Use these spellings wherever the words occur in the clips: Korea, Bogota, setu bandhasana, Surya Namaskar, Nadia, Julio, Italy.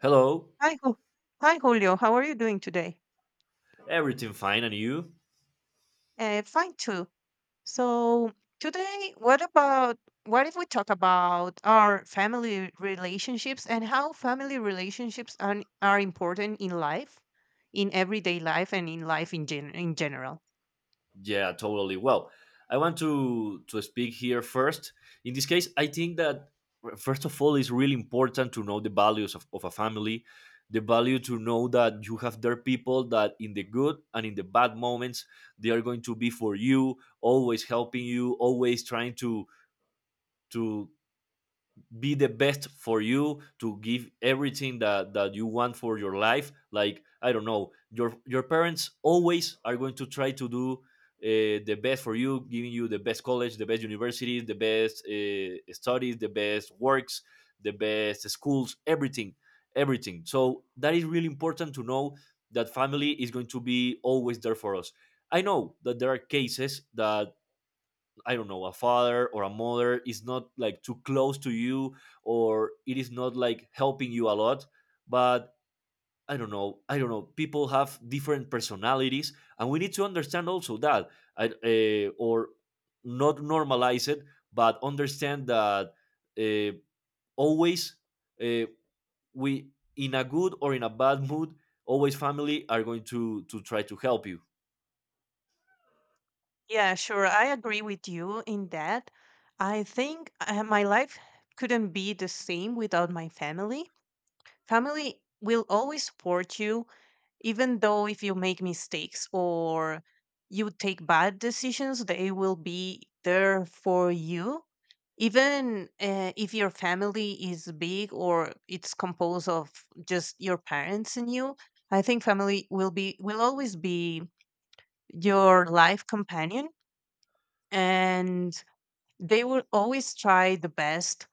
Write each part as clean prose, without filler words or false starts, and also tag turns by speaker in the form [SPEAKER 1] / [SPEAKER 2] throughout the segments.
[SPEAKER 1] Hello,
[SPEAKER 2] Hi, Ju- Hi, Julio. How are you doing today?
[SPEAKER 1] everything fine and you?
[SPEAKER 2] Fine too. So today, what if we talk about our family relationships and how family relationships are important in life, in everyday life, and in life in general?
[SPEAKER 1] Yeah, totally. Well, I want to speak here first. In this case, I think that first of all, it's really important to know the values of a family, the value to know that you have their people that in the good and in the bad moments they are going to be for you, always helping you, always trying to be the best for you, to give everything that you want for your life. Like, I don't know, your parents always are going to try to do the best for you, giving you the best college, the best universities, the best studies, the best works, the best schools, everything, everything. So that is really important to know that family is going to be always there for us. I know that there are cases that, I don't know, a father or a mother is not like too close to you, or it is not like helping you a lot. But, I don't know, I don't know. People have different personalities, and we need to understand also that, I, or not normalize it, but understand that, uh, always, uh, we, in a good or in a bad mood, always family are going to try to help you.
[SPEAKER 2] Yeah, sure. I agree with you in that. I think my life couldn't be the same without my family. Family will always support you even though if you make mistakes or you take bad decisions, they will be there for you even if your family is big or it's composed of just your parents and you. I think family will always be your life companion, and they will always try the best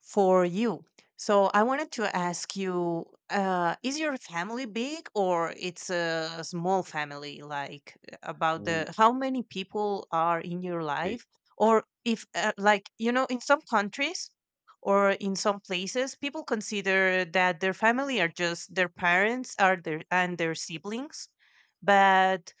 [SPEAKER 2] for you. So I wanted to ask you, is your family big or it's a small family? Like, about the how many people are in your
[SPEAKER 1] Okay.
[SPEAKER 2] life, or if, like, in some countries or in some places, people consider that their family are just their parents, are their and their siblings, but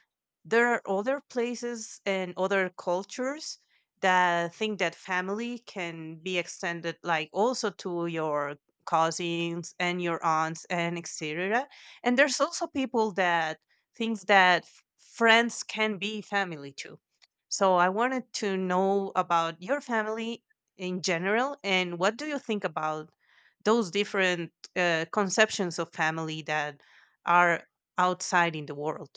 [SPEAKER 2] there are other places and other cultures that think that family can be extended like also to your cousins and your aunts and etc, and there's also people that thinks that friends can be family too. So I wanted to know about your family in general and what do you think about those different conceptions of family that are outside in the world.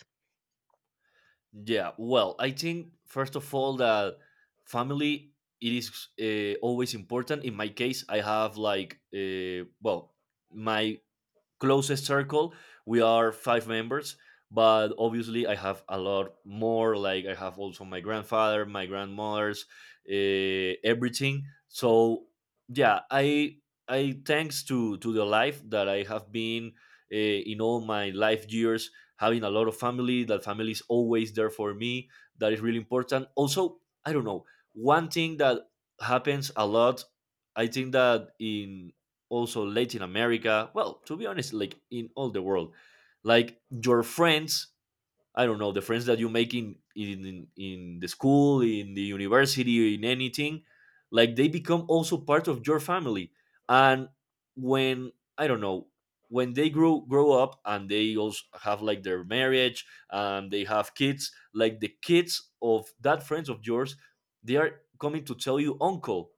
[SPEAKER 1] Yeah, well, I think first of all that family, it is, always important. In my case, I have like, well, my closest circle, we are five members, but obviously I have a lot more. Like, I have also my grandfather, my grandmother's, everything. So yeah, I thanks to the life that I have been, in all my life years, having a lot of family, that family is always there for me. That is really important also. I don't know, one thing that happens a lot, I think that in also Latin America. Well, to be honest, like in all the world, like your friends. I don't know, the friends that you make in the school, in the university, in anything. Like, they become also part of your family, and when, I don't know, when they grow up and they also have like their marriage and they have kids, like the kids of that friends of yours, they are coming to tell you uncle,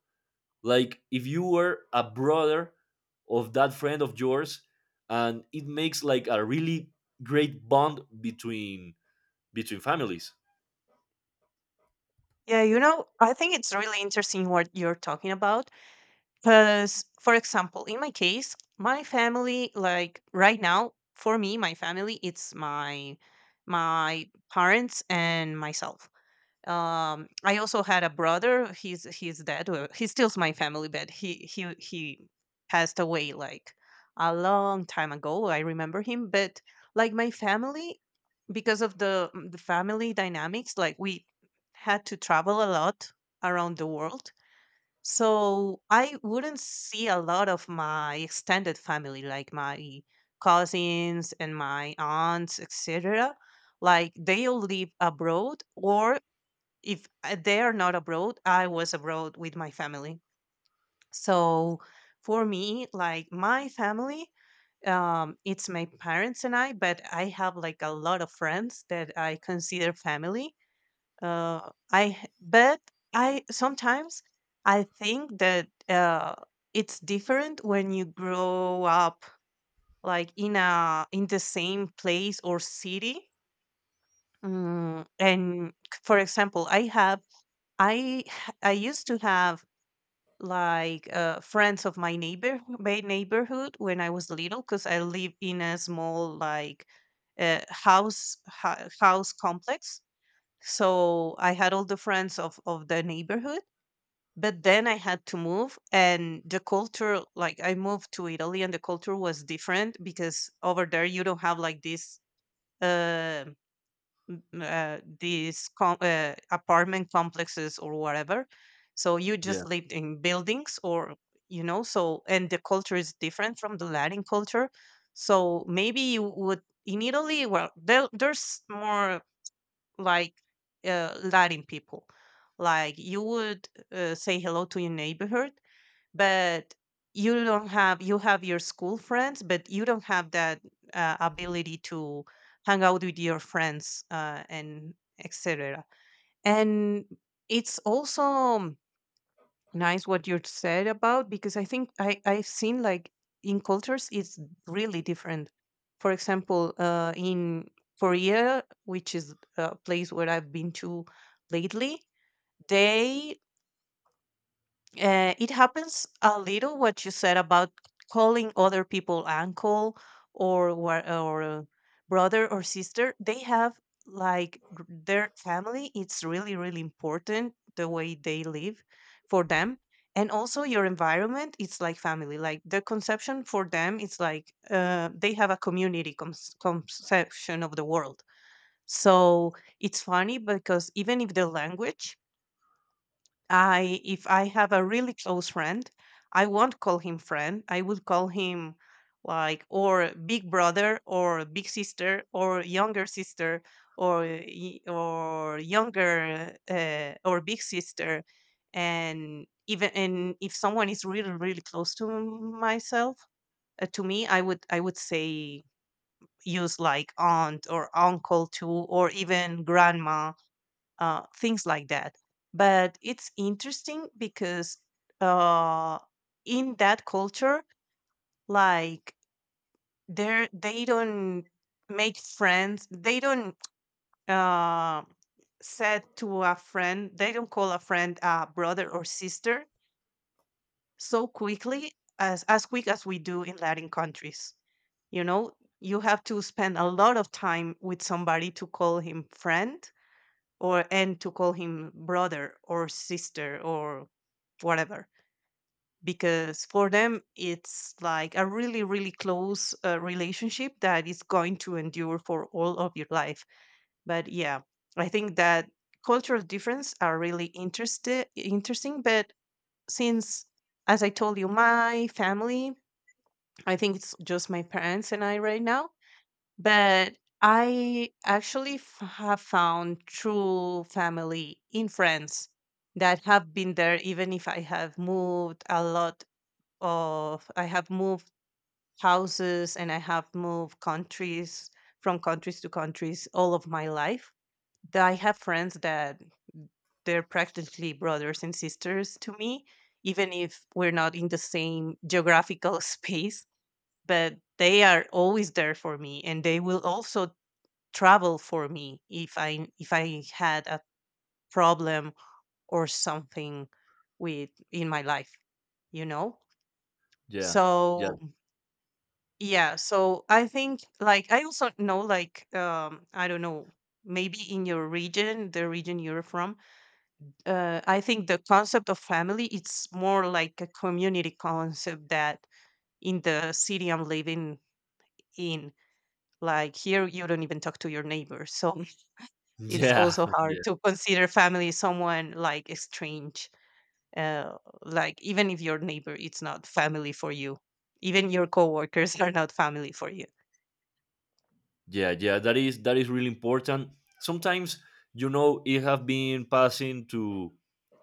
[SPEAKER 1] like if you were a brother of that friend of yours, and it makes like a really great bond between families.
[SPEAKER 2] Yeah, you know, I think it's really interesting what you're talking about. Because, for example, in my case, my family, like right now, for me, my family, it's my parents and myself. I also had a brother. He's dead. Well, he steals my family, but he passed away like a long time ago. I remember him, but like my family, because of the family dynamics, like, we had to travel a lot around the world, so I wouldn't see a lot of my extended family, like my cousins and my aunts, etc. Like, they all live abroad, or if, they are not abroad, I was abroad with my family. So for me, like my family, it's my parents and I, but I have like a lot of friends that I consider family. I. But I sometimes, I think that it's different when you grow up, like, in a in the same place or city. And for example, I used to have, like, friends of my neighborhood when I was little, because I live in a small, like, house complex. So I had all the friends of the neighborhood, but then I had to move, and the culture, like, I moved to Italy, and the culture was different because over there you don't have like this. um Apartment complexes or whatever. So you
[SPEAKER 1] Yeah,
[SPEAKER 2] just lived in buildings or, you know, so, and the culture is different from the Latin culture. So maybe you would, in Italy, well, there, there's more, like, Latin people. Like, you would, say hello to your neighborhood, but you don't have you have your school friends, but you don't have that ability to hang out with your friends, and etc. And it's also nice what you said, about, because I think I've seen, like, in cultures it's really different. For example, in Korea, which is a place where I've been to lately, they it happens a little what you said about calling other people uncle or brother or sister. They have, like, their family. It's really really important the way they live for them, and also your environment. It's like family. Like, the conception for them, it's like, they have a community conception of the world. So it's funny, because even if the language, I if I have a really close friend, I won't call him friend. I would call him, like, or big brother or big sister or younger sister or younger, or big sister. And even and if someone is really really close to myself, to me, I would say, use like aunt or uncle too or even grandma, things like that. But it's interesting because, uh, in that culture, like, they don't make friends. They don't, uh, said to a friend. They don't call a friend a brother or sister so quickly, as quick as we do in Latin countries. You know, you have to spend a lot of time with somebody to call him friend, or and to call him brother or sister or whatever, because for them it's like a really really close relationship that is going to endure for all of your life. But yeah, I think that cultural difference are really interested interesting. But since, as I told you, my family, I think it's just my parents and I right now. But I actually have found true family in friends that have been there, even if I have moved a lot I have moved houses and I have moved countries from countries to countries all of my life. That I have friends that they're practically brothers and sisters to me, even if we're not in the same geographical space, but they are always there for me and they will also travel for me if I had a problem or something with in my life, you know?
[SPEAKER 1] yeah, yeah.
[SPEAKER 2] So yeah, so I think, like, I also know, like, I don't know, maybe in your region, the region you're from, I think the concept of family, it's more like a community concept that in the city I'm living in, like here you don't even talk to your neighbors. So it's
[SPEAKER 1] Yeah.
[SPEAKER 2] also hard to consider family someone like strange. Like, even if your neighbor, it's not family for you. Even your coworkers are not family for you.
[SPEAKER 1] Yeah, yeah, that is really important. Sometimes, you know, it have been passing to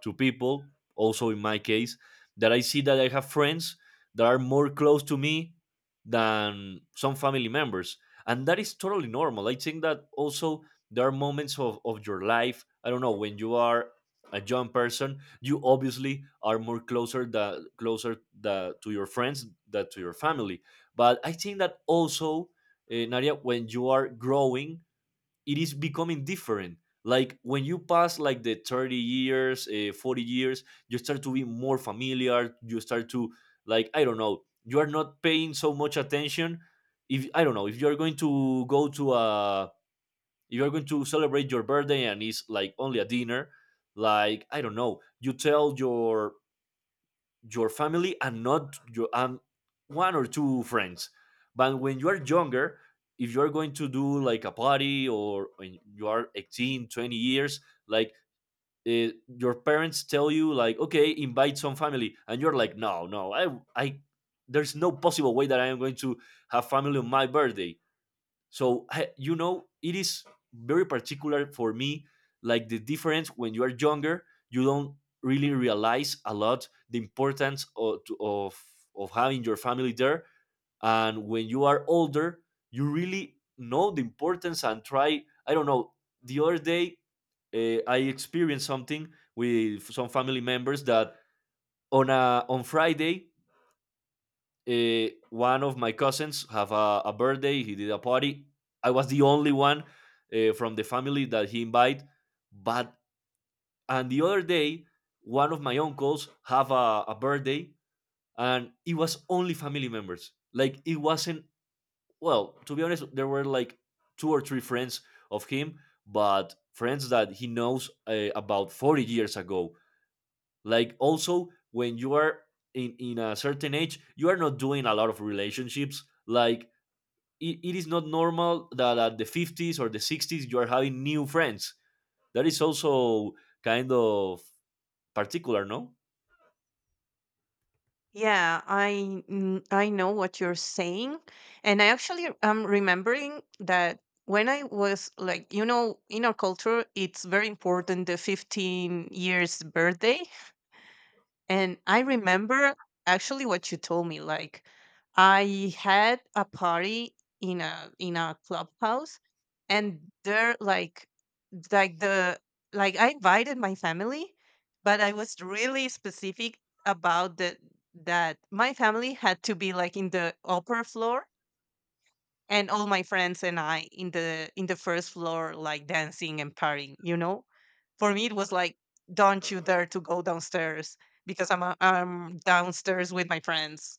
[SPEAKER 1] to people, also in my case, that I see that I have friends that are more close to me than some family members. And that is totally normal. I think that also there are moments of your life, I don't know, when you are a young person, you obviously are more closer to your friends than to your family. But I think that also, Nadia, when you are growing, it is becoming different. Like, when you pass like the 30 years, 40 years, you start to be more familiar. You start to, like, I don't know. You are not paying so much attention. If I don't know if you are going to go to a, if you are going to celebrate your birthday and it's like only a dinner, like, I don't know. You tell your family and not your and one or two friends. But when you are younger, if you're going to do like a party or when you are 18, 20 years, like, your parents tell you like, "Okay, invite some family," and you're like, "No, no, there's no possible way that I am going to have family on my birthday." So, hey, you know, it is very particular for me. Like, the difference when you are younger, you don't really realize a lot the importance of having your family there, and when you are older, you really know the importance and try. I don't know. The other day, I experienced something with some family members that on a on Friday, one of my cousins have a birthday. He did a party. I was the only one, from the family that he invite. But on the other day, one of my uncles have a birthday, and it was only family members. Like, it wasn't. Well, to be honest, there were like two or three friends of him, but friends that he knows, about 40 years ago. Like, also when you are in a certain age, you are not doing a lot of relationships. Like, it is not normal that at the 50s or the 60s you are having new friends. That is also kind of particular, no?
[SPEAKER 2] Yeah, I know what you're saying, and I actually am remembering that when I was, like, you know, in our culture, it's very important the 15 years birthday. And I remember actually what you told me. Like, I had a party in a clubhouse, and they're like the like I invited my family, but I was really specific about the that my family had to be like in the upper floor, and all my friends and I in the first floor, like, dancing and partying, you know? For me it was like, don't you dare to go downstairs, because I'm, I'm downstairs with my friends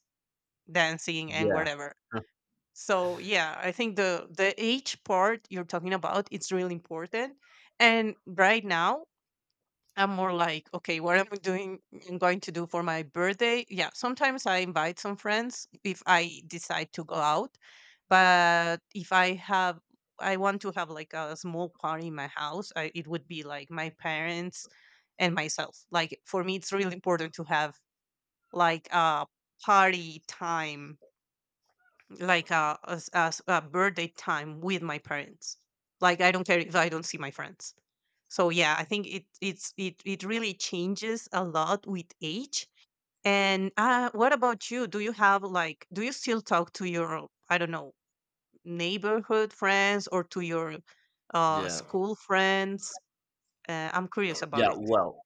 [SPEAKER 2] dancing and
[SPEAKER 1] Yeah.
[SPEAKER 2] whatever. So yeah, I think the age part you're talking about, it's really important. And right now I'm more like, okay, what am I doing? I'm going to do for my birthday. Yeah, sometimes I invite some friends if I decide to go out, but if I have, I want to have like a small party in my house. I, it would be like my parents and myself. Like, for me, it's really important to have like a party time, like a birthday time with my parents. Like, I don't care if I don't see my friends. So yeah, I think it it's it it really changes a lot with age. And, what about you? Do you have, like, do you still talk to your, I don't know, neighborhood friends or to your
[SPEAKER 1] Yeah.
[SPEAKER 2] school friends? I'm curious
[SPEAKER 1] Yeah.
[SPEAKER 2] about it.
[SPEAKER 1] Well,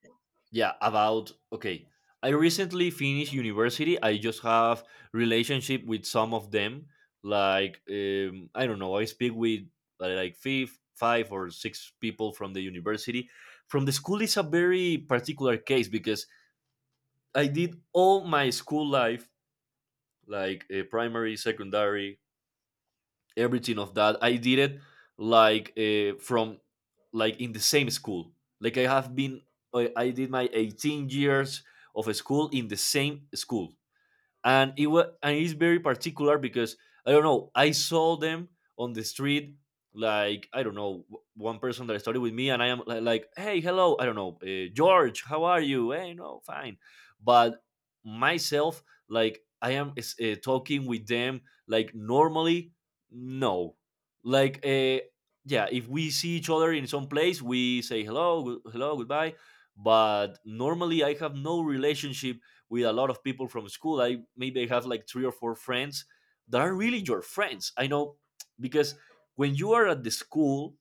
[SPEAKER 1] yeah, about, okay, I recently finished university. I just have relationship with some of them. Like, I don't know, I speak with, like, five or six people from the university. From the school is a very particular case, because I did all my school life, like, primary, secondary, everything of that. I did it like, from like in the same school. Like, I did my 18 years of a school in the same school, and it was and it's very particular because, I don't know, I saw them on the street, like, I don't know, one person that started with me, and like, hey, hello, I don't know, George, how are you? Hey, no, fine, but myself, talking with them like normally, no, like, yeah, if we see each other in some place, we say hello, hello, goodbye. But normally, I have no relationship with a lot of people from school. I maybe have like three or four friends that are really your friends. I know, because when you are at the school,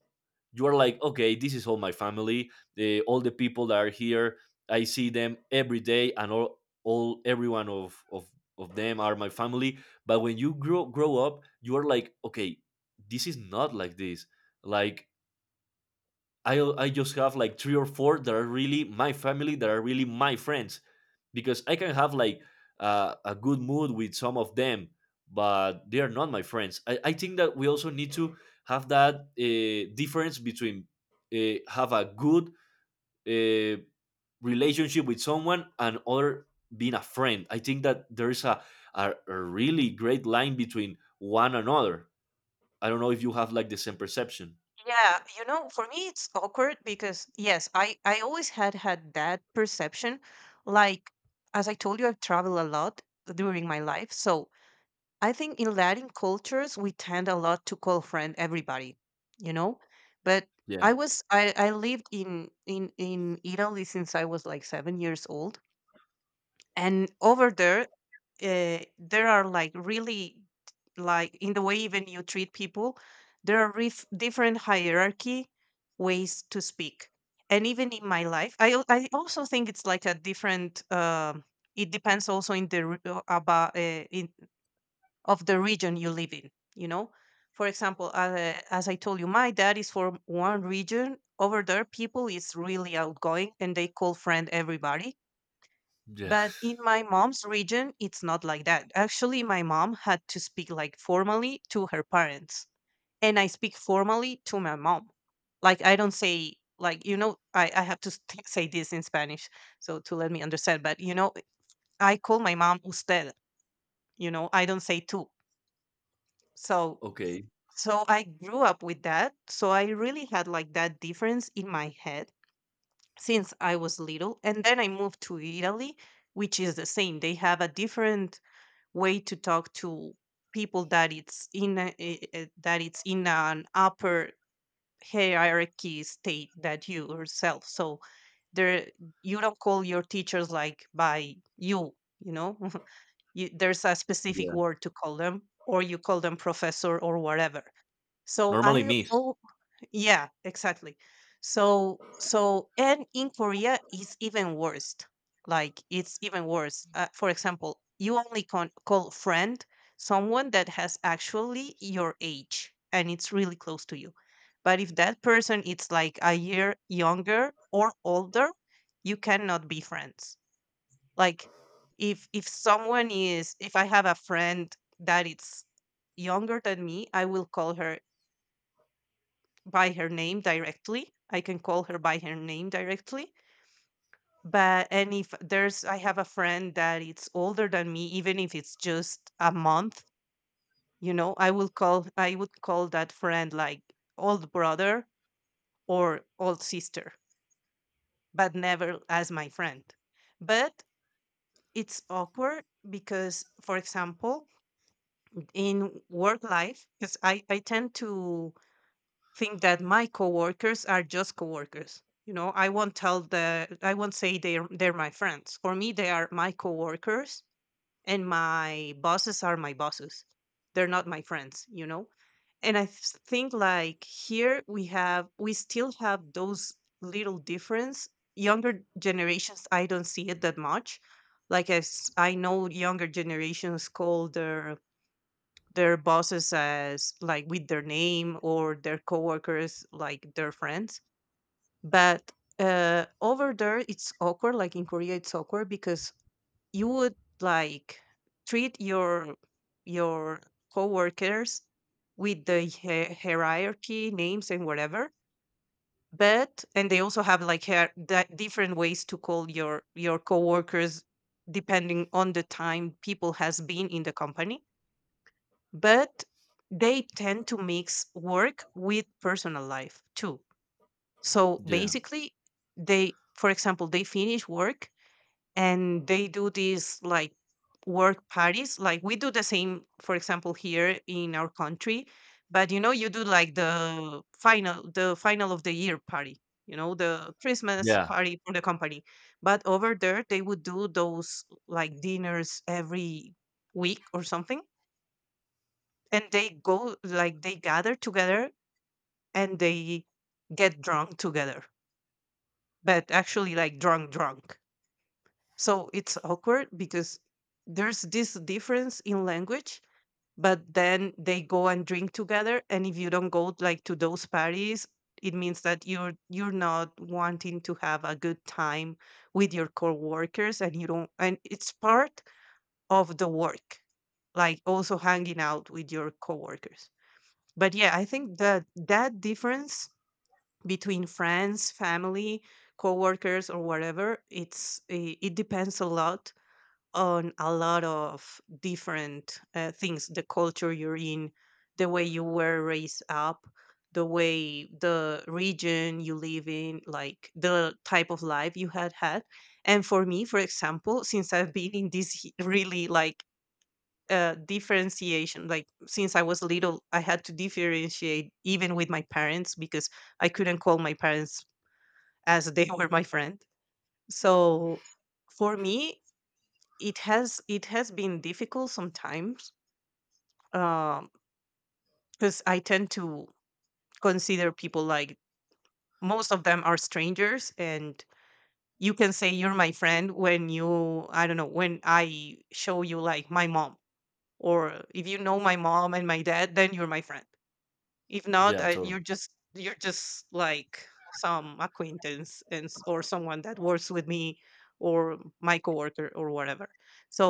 [SPEAKER 1] you are like, okay, this is all my family, all the people that are here. I see them every day, and all everyone of them are my family. But when you grow up, you are like, okay, this is not like this. Like, I just have like three or four that are really my family, that are really my friends, because I can have like, a good mood with some of them, but they are not my friends. I think that we also need to have that, difference between, have a good uh, relationship with someone and other being a friend. I think that there is a really great line between one another. I don't know if you have like the same perception.
[SPEAKER 2] Yeah, you know, for me it's awkward because, yes, I always had that perception. Like, as I told you, I've traveled a lot during my life, so I think in Latin cultures we tend a lot to call friend everybody, you know. But
[SPEAKER 1] Yeah.
[SPEAKER 2] I was, I lived in Italy since I was like 7 years old. And over there, there are, like, really, like, in the way even you treat people, there are different hierarchy ways to speak. And even in my life, I also think it's like a different, it depends also, in the re- about in of the region you live in, you know. For example, as I told you, my dad is from one region. Over there, people is really outgoing and they call friend everybody,
[SPEAKER 1] Yeah.
[SPEAKER 2] but in my mom's region, it's not like that. Actually, my mom had to speak, like, formally to her parents, and I speak formally to my mom. Like, I don't say, like, you know, I have to say this in Spanish, so to let me understand. But, you know, I call my mom usted. You know, I don't say tú. So
[SPEAKER 1] Okay.
[SPEAKER 2] I grew up with that. So I really had like that difference in my head since I was little, and then I moved to Italy, which is the same. They have a different way to talk to people that it's in an upper hierarchy state that you yourself. So there you don't call your teachers like by you, you know there's a specific
[SPEAKER 1] Yeah.
[SPEAKER 2] word to call them, or you call them professor or whatever. so
[SPEAKER 1] Normally
[SPEAKER 2] i
[SPEAKER 1] miss.
[SPEAKER 2] al- yeah, exactly. So and in Korea it's even worse. Like it's even worse. For example, you only call friend someone that has actually your age and it's really close to you. But if that person is like a year younger or older, you cannot be friends. Like, if someone is, if I have a friend that it's younger than me, I will call her by her name directly. I can call her by her name directly. But and if there's, I have a friend that it's older than me, even if it's just a month, I would call that friend like old brother or old sister, but never as my friend. But it's awkward because, for example, in work life, because I tend to think that my coworkers are just coworkers. You know, I won't say they're my friends. For me, they are my coworkers and my bosses are my bosses. They're not my friends, you know? And think like here we still have those little difference. Younger generations, I don't see it that much. Like, as I know, younger generations call their bosses as like with their name, or their coworkers like their friends. But over there it's awkward, like in Korea it's awkward because you would, like, treat your your coworkers with the hierarchy names and whatever. But and they also have like hair that different ways to call your coworkers depending on the time people has been in the company. But they tend to mix work with personal life too. So
[SPEAKER 1] Yeah.
[SPEAKER 2] basically, they, for example, they finish work and they do these like work parties. Like we do the same, for example, here in our country, but, you know, you do like the final of the year party. You know, the Christmas
[SPEAKER 1] Yeah.
[SPEAKER 2] party for the company. But over there, they would do those like dinners every week or something, and they go, like they gather together, and they get drunk together, but actually like drunk drunk. So it's awkward because there's this difference in language, but then they go and drink together, and if you don't go like to those parties, it means that you're not wanting to have a good time with your coworkers, and you don't, and it's part of the work, like also hanging out with your coworkers. But yeah, I think that that difference between friends, family, coworkers or whatever, it depends a lot on a lot of different things: the culture you're in, the way you were raised up, the way, the region you live in, like the type of life you had had. And for me, for example, since I've been in this really like differentiation. Like, since I was little, I had to differentiate even with my parents because I couldn't call my parents as they were my friend. So for me, it has been difficult sometimes because I tend to consider people like most of them are strangers, and you can say you're my friend when you I don't know, when I show you like my mom, or if you know my mom and my dad, then you're my friend. If not,
[SPEAKER 1] Yeah. Totally.
[SPEAKER 2] you're just, like some acquaintance, or someone that works with me, or my coworker or whatever. So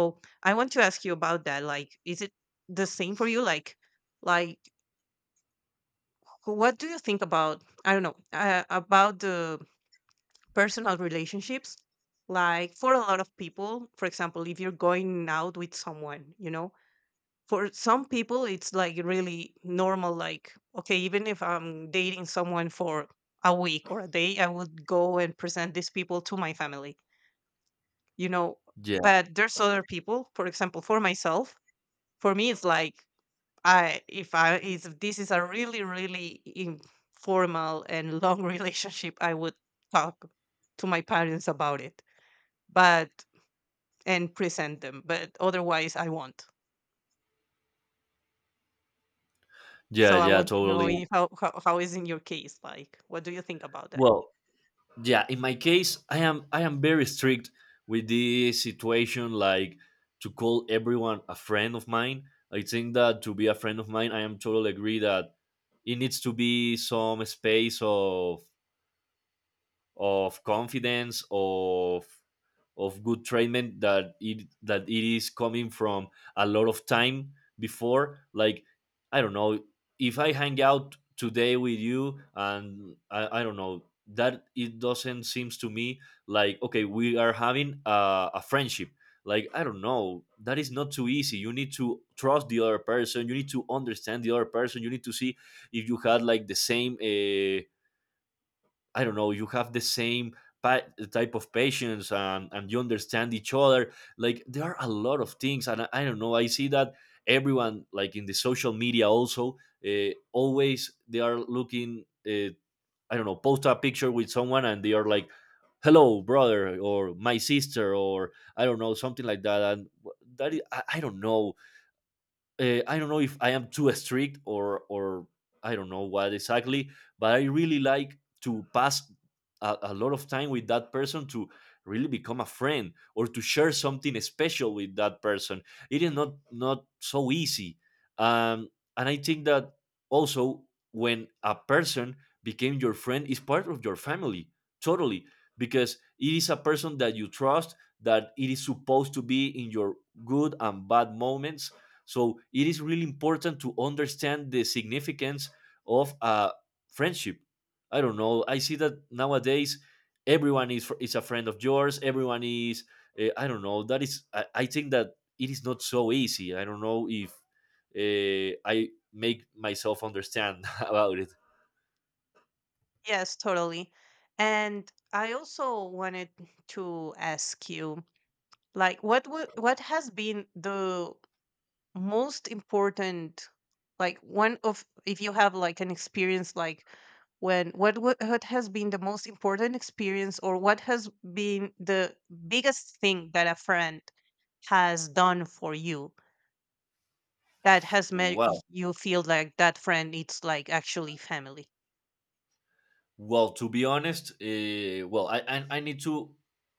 [SPEAKER 2] I want to ask you about that. Like, is it the same for you? Like, like what do you think about? I don't know about the personal relationships. Like, for a lot of people, for example, if you're going out with someone, you know, for some people it's like really normal, like okay, even if I'm dating someone for a week or a day, I would go and present these people to my family, you know
[SPEAKER 1] Yeah.
[SPEAKER 2] but there's other people, for example, for myself, for me it's like, I if this is a really really informal and long relationship, I would talk to my parents about it, but and present them, but otherwise I won't.
[SPEAKER 1] Yeah.
[SPEAKER 2] So I
[SPEAKER 1] Yeah.
[SPEAKER 2] want to know
[SPEAKER 1] Totally.
[SPEAKER 2] if, how, how is in your case, like what do you think about that?
[SPEAKER 1] Well, yeah, in my case, I am very strict with this situation, like, to call everyone a friend of mine. I think that to be a friend of mine, I am totally agree that it needs to be some space of confidence, of good treatment that it is coming from a lot of time before. Like, I don't know, if I hang out today with you and I don't know, that it doesn't seems to me like, okay, we are having a friendship. Like, I don't know, that is not too easy. You need to trust the other person, you need to understand the other person, you need to see if you had like the same, I don't know, you have the same pa- type of patience, and you understand each other. Like, there are a lot of things, and I don't know. I see that everyone, like in the social media, also, always they are looking. I don't know, post a picture with someone, and they are like, "Hello, brother," or "My sister," or I don't know, something like that. And that is, I don't know, I don't know if I am too strict or I don't know what exactly, but I really like to pass a lot of time with that person to really become a friend, or to share something special with that person. It is not so easy, um, and I think that also, when a person became your friend, is part of your family, totally, because it is a person that you trust, that it is supposed to be in your good and bad moments. So, it is really important to understand the significance of a friendship. I don't know. I see that nowadays everyone is is a friend of yours. Everyone is. I don't know. That is. I think that it is not so easy. I don't know if I make myself understand about it.
[SPEAKER 2] Yes, totally. And I also wanted to ask you, like what has been the most important, like one of, if you have like an experience, like when, what has been the most important experience, or what has been the biggest thing that a friend has done for you that has made
[SPEAKER 1] Wow.
[SPEAKER 2] you feel like that friend it's like actually family.
[SPEAKER 1] Well, to be honest, well, I need to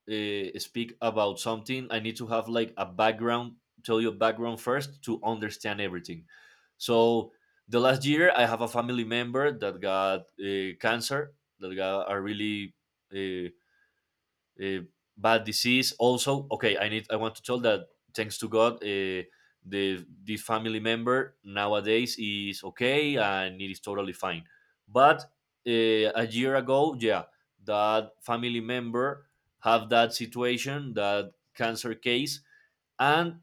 [SPEAKER 1] speak about something. I need to have like a background, tell you a background first to understand everything. So the last year, I have a family member that got cancer, that got a really uh, uh, bad disease. Also, okay, I want to tell that thanks to God, the family member nowadays is okay and it is totally fine. But a year ago, yeah, that family member have that situation, that cancer case, and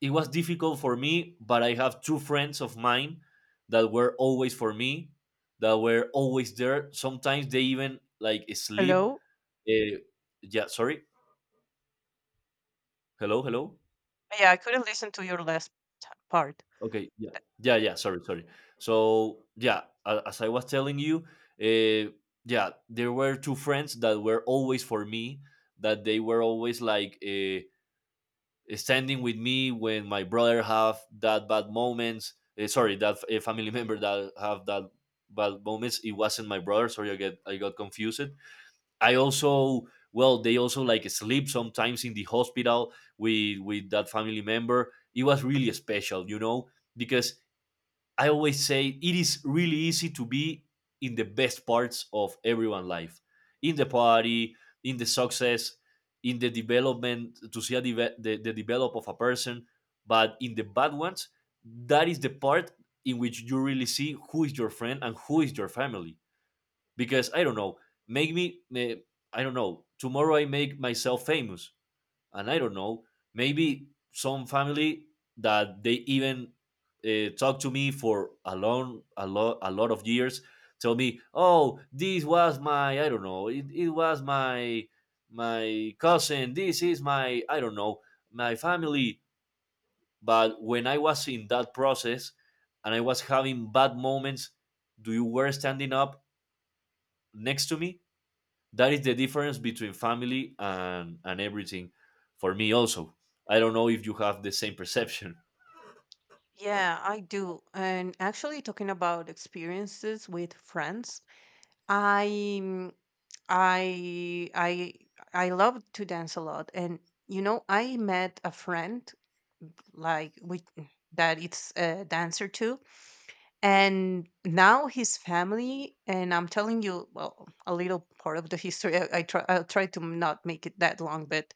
[SPEAKER 1] it was difficult for me. But I have two friends of mine that were always for me, that were always there. Sometimes they even like sleep.
[SPEAKER 2] Hello.
[SPEAKER 1] Uh, yeah, sorry. Hello, hello.
[SPEAKER 2] Yeah, I couldn't listen to your last part.
[SPEAKER 1] Okay, yeah, yeah, yeah. Sorry, sorry. So yeah, as I was telling you, uh, yeah, there were two friends that were always for me. That they were always like standing with me when my brother have that bad moments. Sorry, that a family member that have that bad moments. It wasn't my brother. Sorry, I got confused. I also well, they also like sleep sometimes in the hospital with that family member. It was really special, because I always say it is really easy to be in the best parts of everyone's life, in the party, in the success, in the development to see the develop of a person, but in the bad ones, that is the part in which you really see who is your friend and who is your family because I don't know, make me, eh, I don't know, tomorrow I make myself famous, and I don't know, maybe some family that they even talk to me for a lot of years, tell me, oh, this was my, I don't know, it was my cousin, this is my, I don't know, my family. But when I was in that process and I was having bad moments, do you were standing up next to me. That is the difference between family and everything for me also. I don't know if you have the same perception.
[SPEAKER 2] Yeah, I do. And actually, talking about experiences with friends, I mm, I I I love to dance a lot, and I met a friend like we that it's a dancer too, and now his family. And I'm telling you, well, a little part of the history. I try to not make it that long. But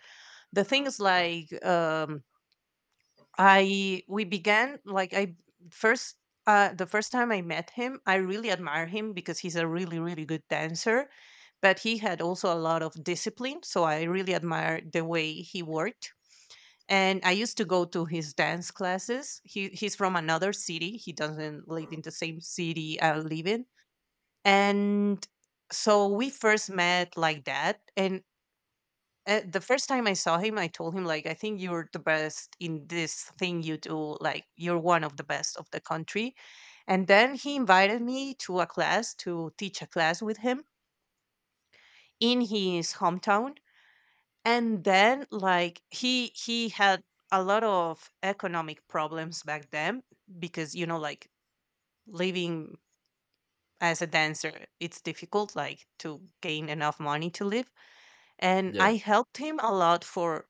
[SPEAKER 2] the thing is like, I we began, like, I first the first time I met him, I really admire him because he's a really really good dancer, but he had also a lot of discipline, so I really admire the way he worked. And I used to go to his dance classes. He's from another city. He doesn't live in the same city I live in. And so we first met like that. And the first time I saw him, I told him, like, I think you're the best in this thing you do, like you're one of the best of the country. And then he invited me to a class, to teach a class with him in his hometown. And then, like, he had a lot of economic problems back then because, you know, like, living as a dancer it's difficult, like to gain enough money to live. And
[SPEAKER 1] Yeah,
[SPEAKER 2] I helped him a lot, for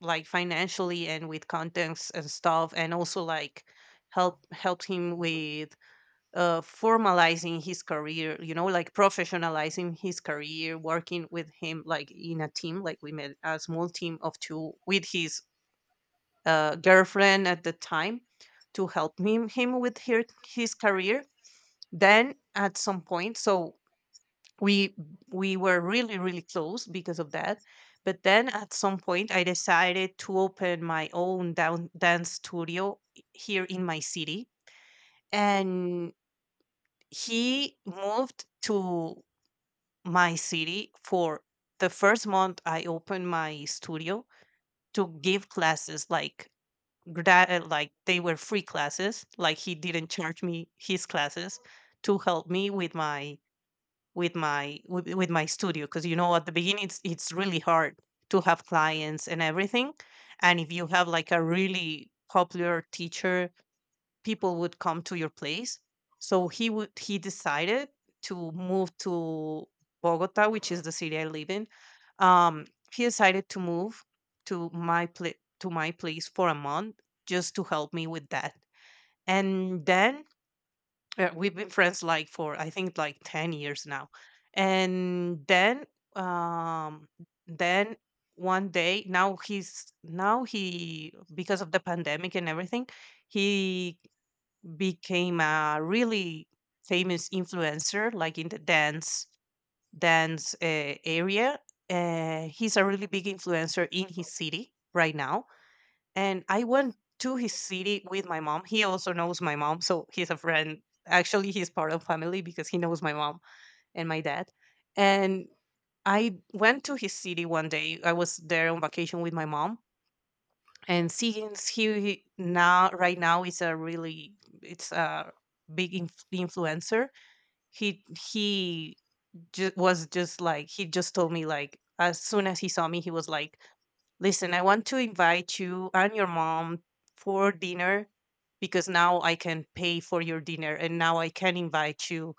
[SPEAKER 2] like financially and with contents and stuff, and also like helped him with formalizing his career, you know, like professionalizing his career, working with him like in a team, like we made a small team of two with his girlfriend at the time, to help him with his career. Then at some point, so we we were really really close because of that. But then at some point, I decided to open my own dance studio, here in my city, and he moved to my city for the first month I opened my studio to give classes, like like they were free classes, like he didn't charge me his classes, to help me with my with my with my studio because, you know, at the beginning it's really hard to have clients and everything. And if you have like a really popular teacher, people would come to your place. So he decided to move to Bogota, which is the city I live in. Um, he decided to move to my pla to my place for a month just to help me with that. And then we've been friends like for, I think, like 10 years now. And then, um, then one day, now he, because of the pandemic and everything, he became a really famous influencer, like in the dance area. He's a really big influencer in his city right now, and I went to his city with my mom. He also knows my mom, so he's a friend. Actually, he's part of family because he knows my mom and my dad. And I went to his city one day. I was there on vacation with my mom, and since he now right now is a really it's a big influencer, He he ju- was just like he just told me, like, as soon as he saw me, he was like, "Listen, I want to invite you and your mom for dinner because now I can pay for your dinner and now I can invite you,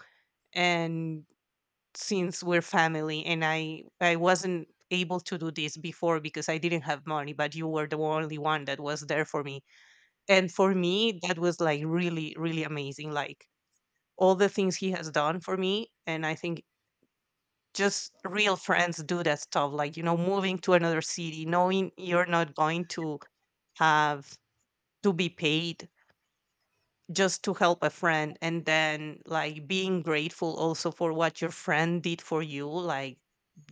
[SPEAKER 2] and since we're family, and I wasn't able to do this before because I didn't have money, but you were the only one that was there for me." And for me, that was like really, really amazing. Like, all the things he has done for me. And I think just real friends do that stuff. Like, you know, moving to another city, knowing you're not going to have to be paid just to help a friend. And then like being grateful also for what your friend did for you. Like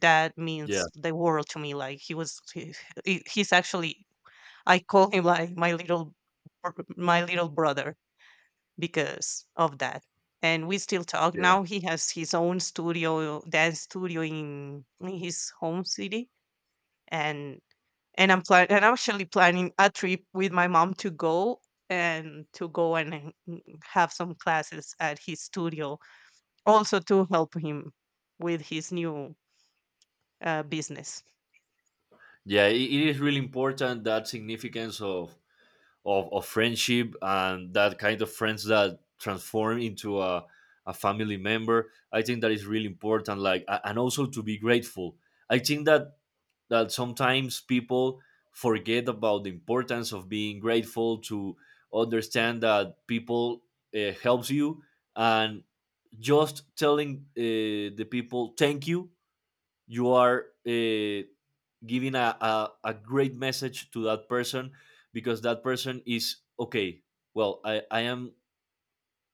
[SPEAKER 2] that
[SPEAKER 1] yeah,
[SPEAKER 2] means the world to me. Like he was, he- he's actually, I call him like my little, my little brother. Because of that. And we still talk.
[SPEAKER 1] yeah,
[SPEAKER 2] Now he has his own studio, dance studio in his home city, and and I'm actually planning a trip with my mom to go and have some classes at his studio, also to help him with his new business.
[SPEAKER 1] yeah. It is really important, that significance of friendship and that kind of friends that transform into a family member. I think that is really important, like, and also to be grateful. I think that sometimes people forget about the importance of being grateful, to understand that people helps you and just telling the people thank you, you are giving a great message to that person because that person is okay. Well, I am,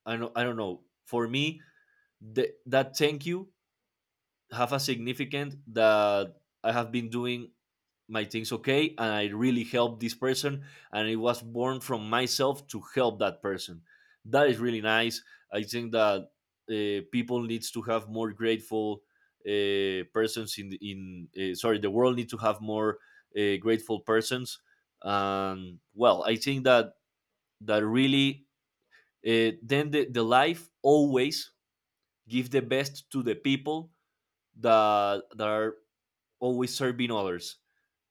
[SPEAKER 1] I don't know, for me, that thank you have a significant that I have been doing my things okay and I really helped this person and it was born from myself to help that person. That is really nice. I think that people needs to have more grateful persons in sorry, the world needs to have more grateful persons. Well, I think that really, then the life always give the best to the people that are always serving others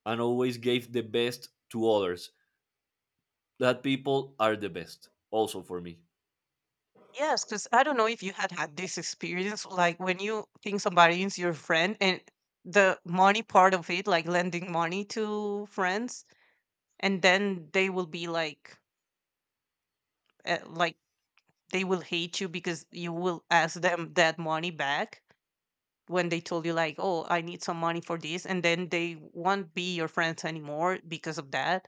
[SPEAKER 1] and always gave the best to others. That people are the best also for me.
[SPEAKER 2] Yes, because I don't know if you had this experience, like when you think somebody is your friend and the money part of it, like lending money to friends, and then they will be like, like they will hate you because you will ask them that money back when they told you like, oh, I need some money for this, and then they won't be your friends anymore because of that.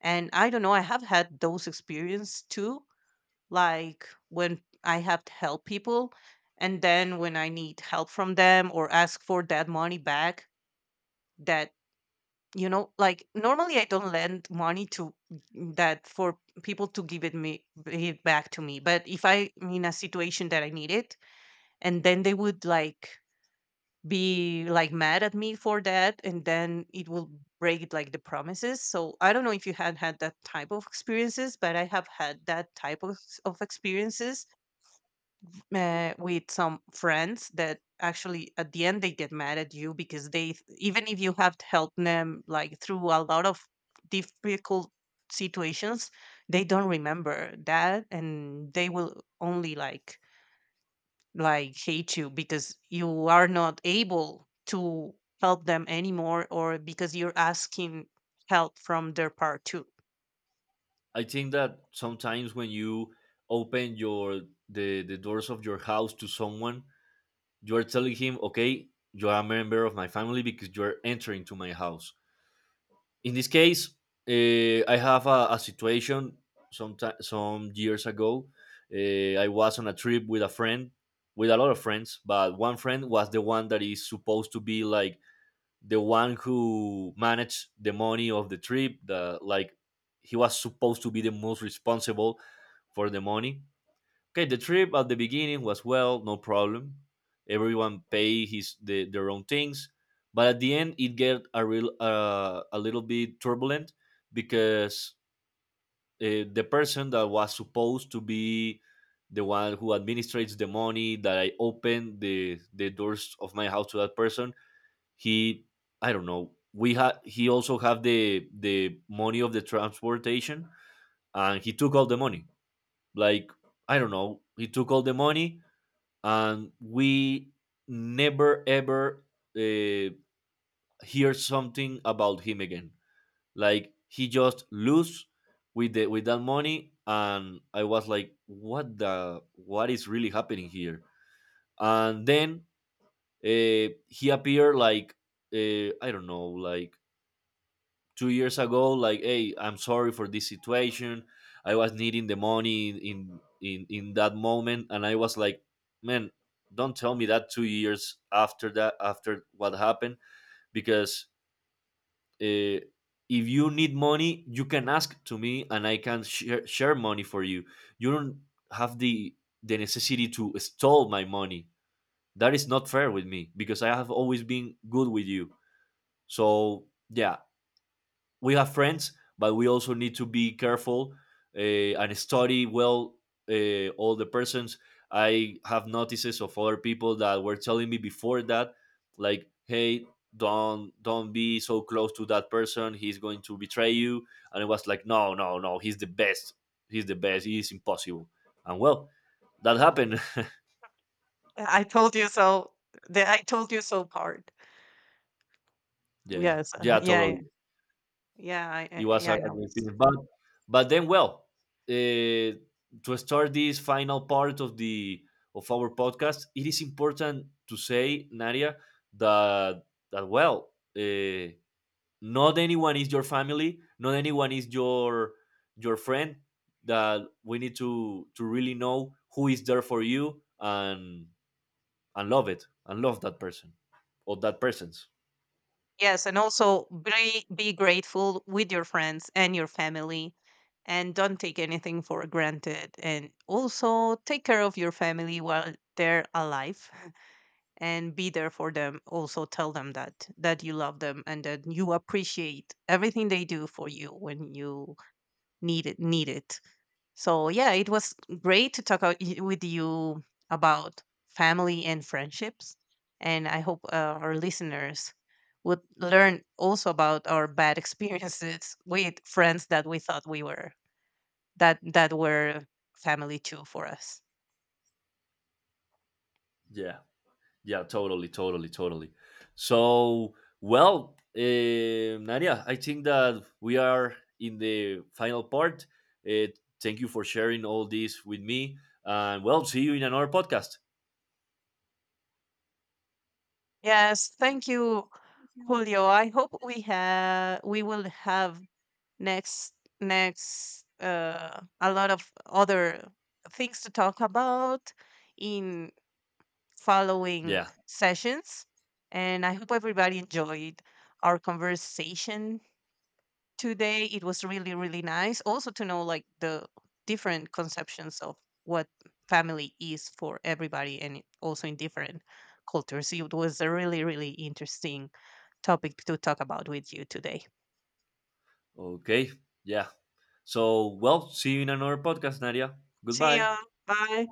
[SPEAKER 2] And I don't know, I have had those experience too, like when I have to help people, and then when I need help from them or ask for that money back, that you know, like normally I don't lend money to that for people to give it me it back to me. But if I'm in a situation that I need it, and then they would like be like mad at me for that, and then it will break like the promises. So I don't know if you had that type of experiences, but I have had that type of experiences with some friends that actually at the end they get mad at you because even if you have helped them like through a lot of difficult situations, they don't remember that and they will only like hate you because you are not able to help them anymore or because you're asking help from their part too.
[SPEAKER 1] I think that sometimes when you open the doors of your house to someone, you are telling him, okay, you are a member of my family because you are entering to my house. In this case, I have a situation some some years ago. I was on a trip with a friend, with a lot of friends, but one friend was the one that is supposed to be like the one who managed the money of the trip, the like, he was supposed to be the most responsible for the money. Okay, the trip at the beginning was, well, no problem, everyone pay their own things. But at the end it get a little bit turbulent because the person that was supposed to be the one who administrates the money that I opened the doors of my house to that person, he I don't know we had he also have the money of the transportation, and he took all the money, like, I don't know, he took all the money, and we never ever uh, hear something about him again. Like, he just lose with the with that money, and I was like, what is really happening here? And then he appeared like, I don't know, like 2 years ago, like, hey, I'm sorry for this situation, I was needing the money in that moment, and I was like, man, don't tell me that 2 years after that, after what happened, because uh, if you need money you can ask to me and I can share money for you. You don't have the necessity to stall my money. That is not fair with me because I have always been good with you. So yeah, we have friends, but we also need to be careful and study well all the persons. I have notices of other people that were telling me before that, like, hey, don't be so close to that person. He's going to betray you. And it was like, no, no, no, he's the best. He's the best. He is impossible. And well, that happened.
[SPEAKER 2] I told you so. The I told you so part.
[SPEAKER 1] Yeah,
[SPEAKER 2] Yes,
[SPEAKER 1] yeah,
[SPEAKER 2] yeah, yeah.
[SPEAKER 1] totally.
[SPEAKER 2] Yeah,
[SPEAKER 1] It was a,
[SPEAKER 2] yeah, I
[SPEAKER 1] a
[SPEAKER 2] know.
[SPEAKER 1] great film. But then, well, uh, to start this final part of the of our podcast, it is important to say, Nadia, that well, not anyone is your family, not anyone is your friend. That we need to really know who is there for you and love it and love that person or that persons.
[SPEAKER 2] Yes, and also be grateful with your friends and your family, and don't take anything for granted. And also take care of your family while they're alive, and be there for them. Also tell them that you love them and that you appreciate everything they do for you when you need it. Need it. So yeah, it was great to talk with you about family and friendships, and I hope our listeners would learn also about our bad experiences with friends that we thought we were that were family too for us.
[SPEAKER 1] Yeah. Yeah, totally, totally, totally. So, well, Nadia, I think that we are in the final part. Uh, thank you for sharing all this with me. And, well, see you in another podcast.
[SPEAKER 2] Yes, thank you, Julio. I hope we will have next next a lot of other things to talk about in following
[SPEAKER 1] Yeah.
[SPEAKER 2] sessions, and I hope everybody enjoyed our conversation today. It was really really nice, also to know like the different conceptions of what family is for everybody, and also in different cultures. It was a really really interesting topic to talk about with you today.
[SPEAKER 1] Okay. Yeah. So, well, see you in another podcast, Nadia.
[SPEAKER 2] See
[SPEAKER 1] Goodbye.
[SPEAKER 2] you. Bye.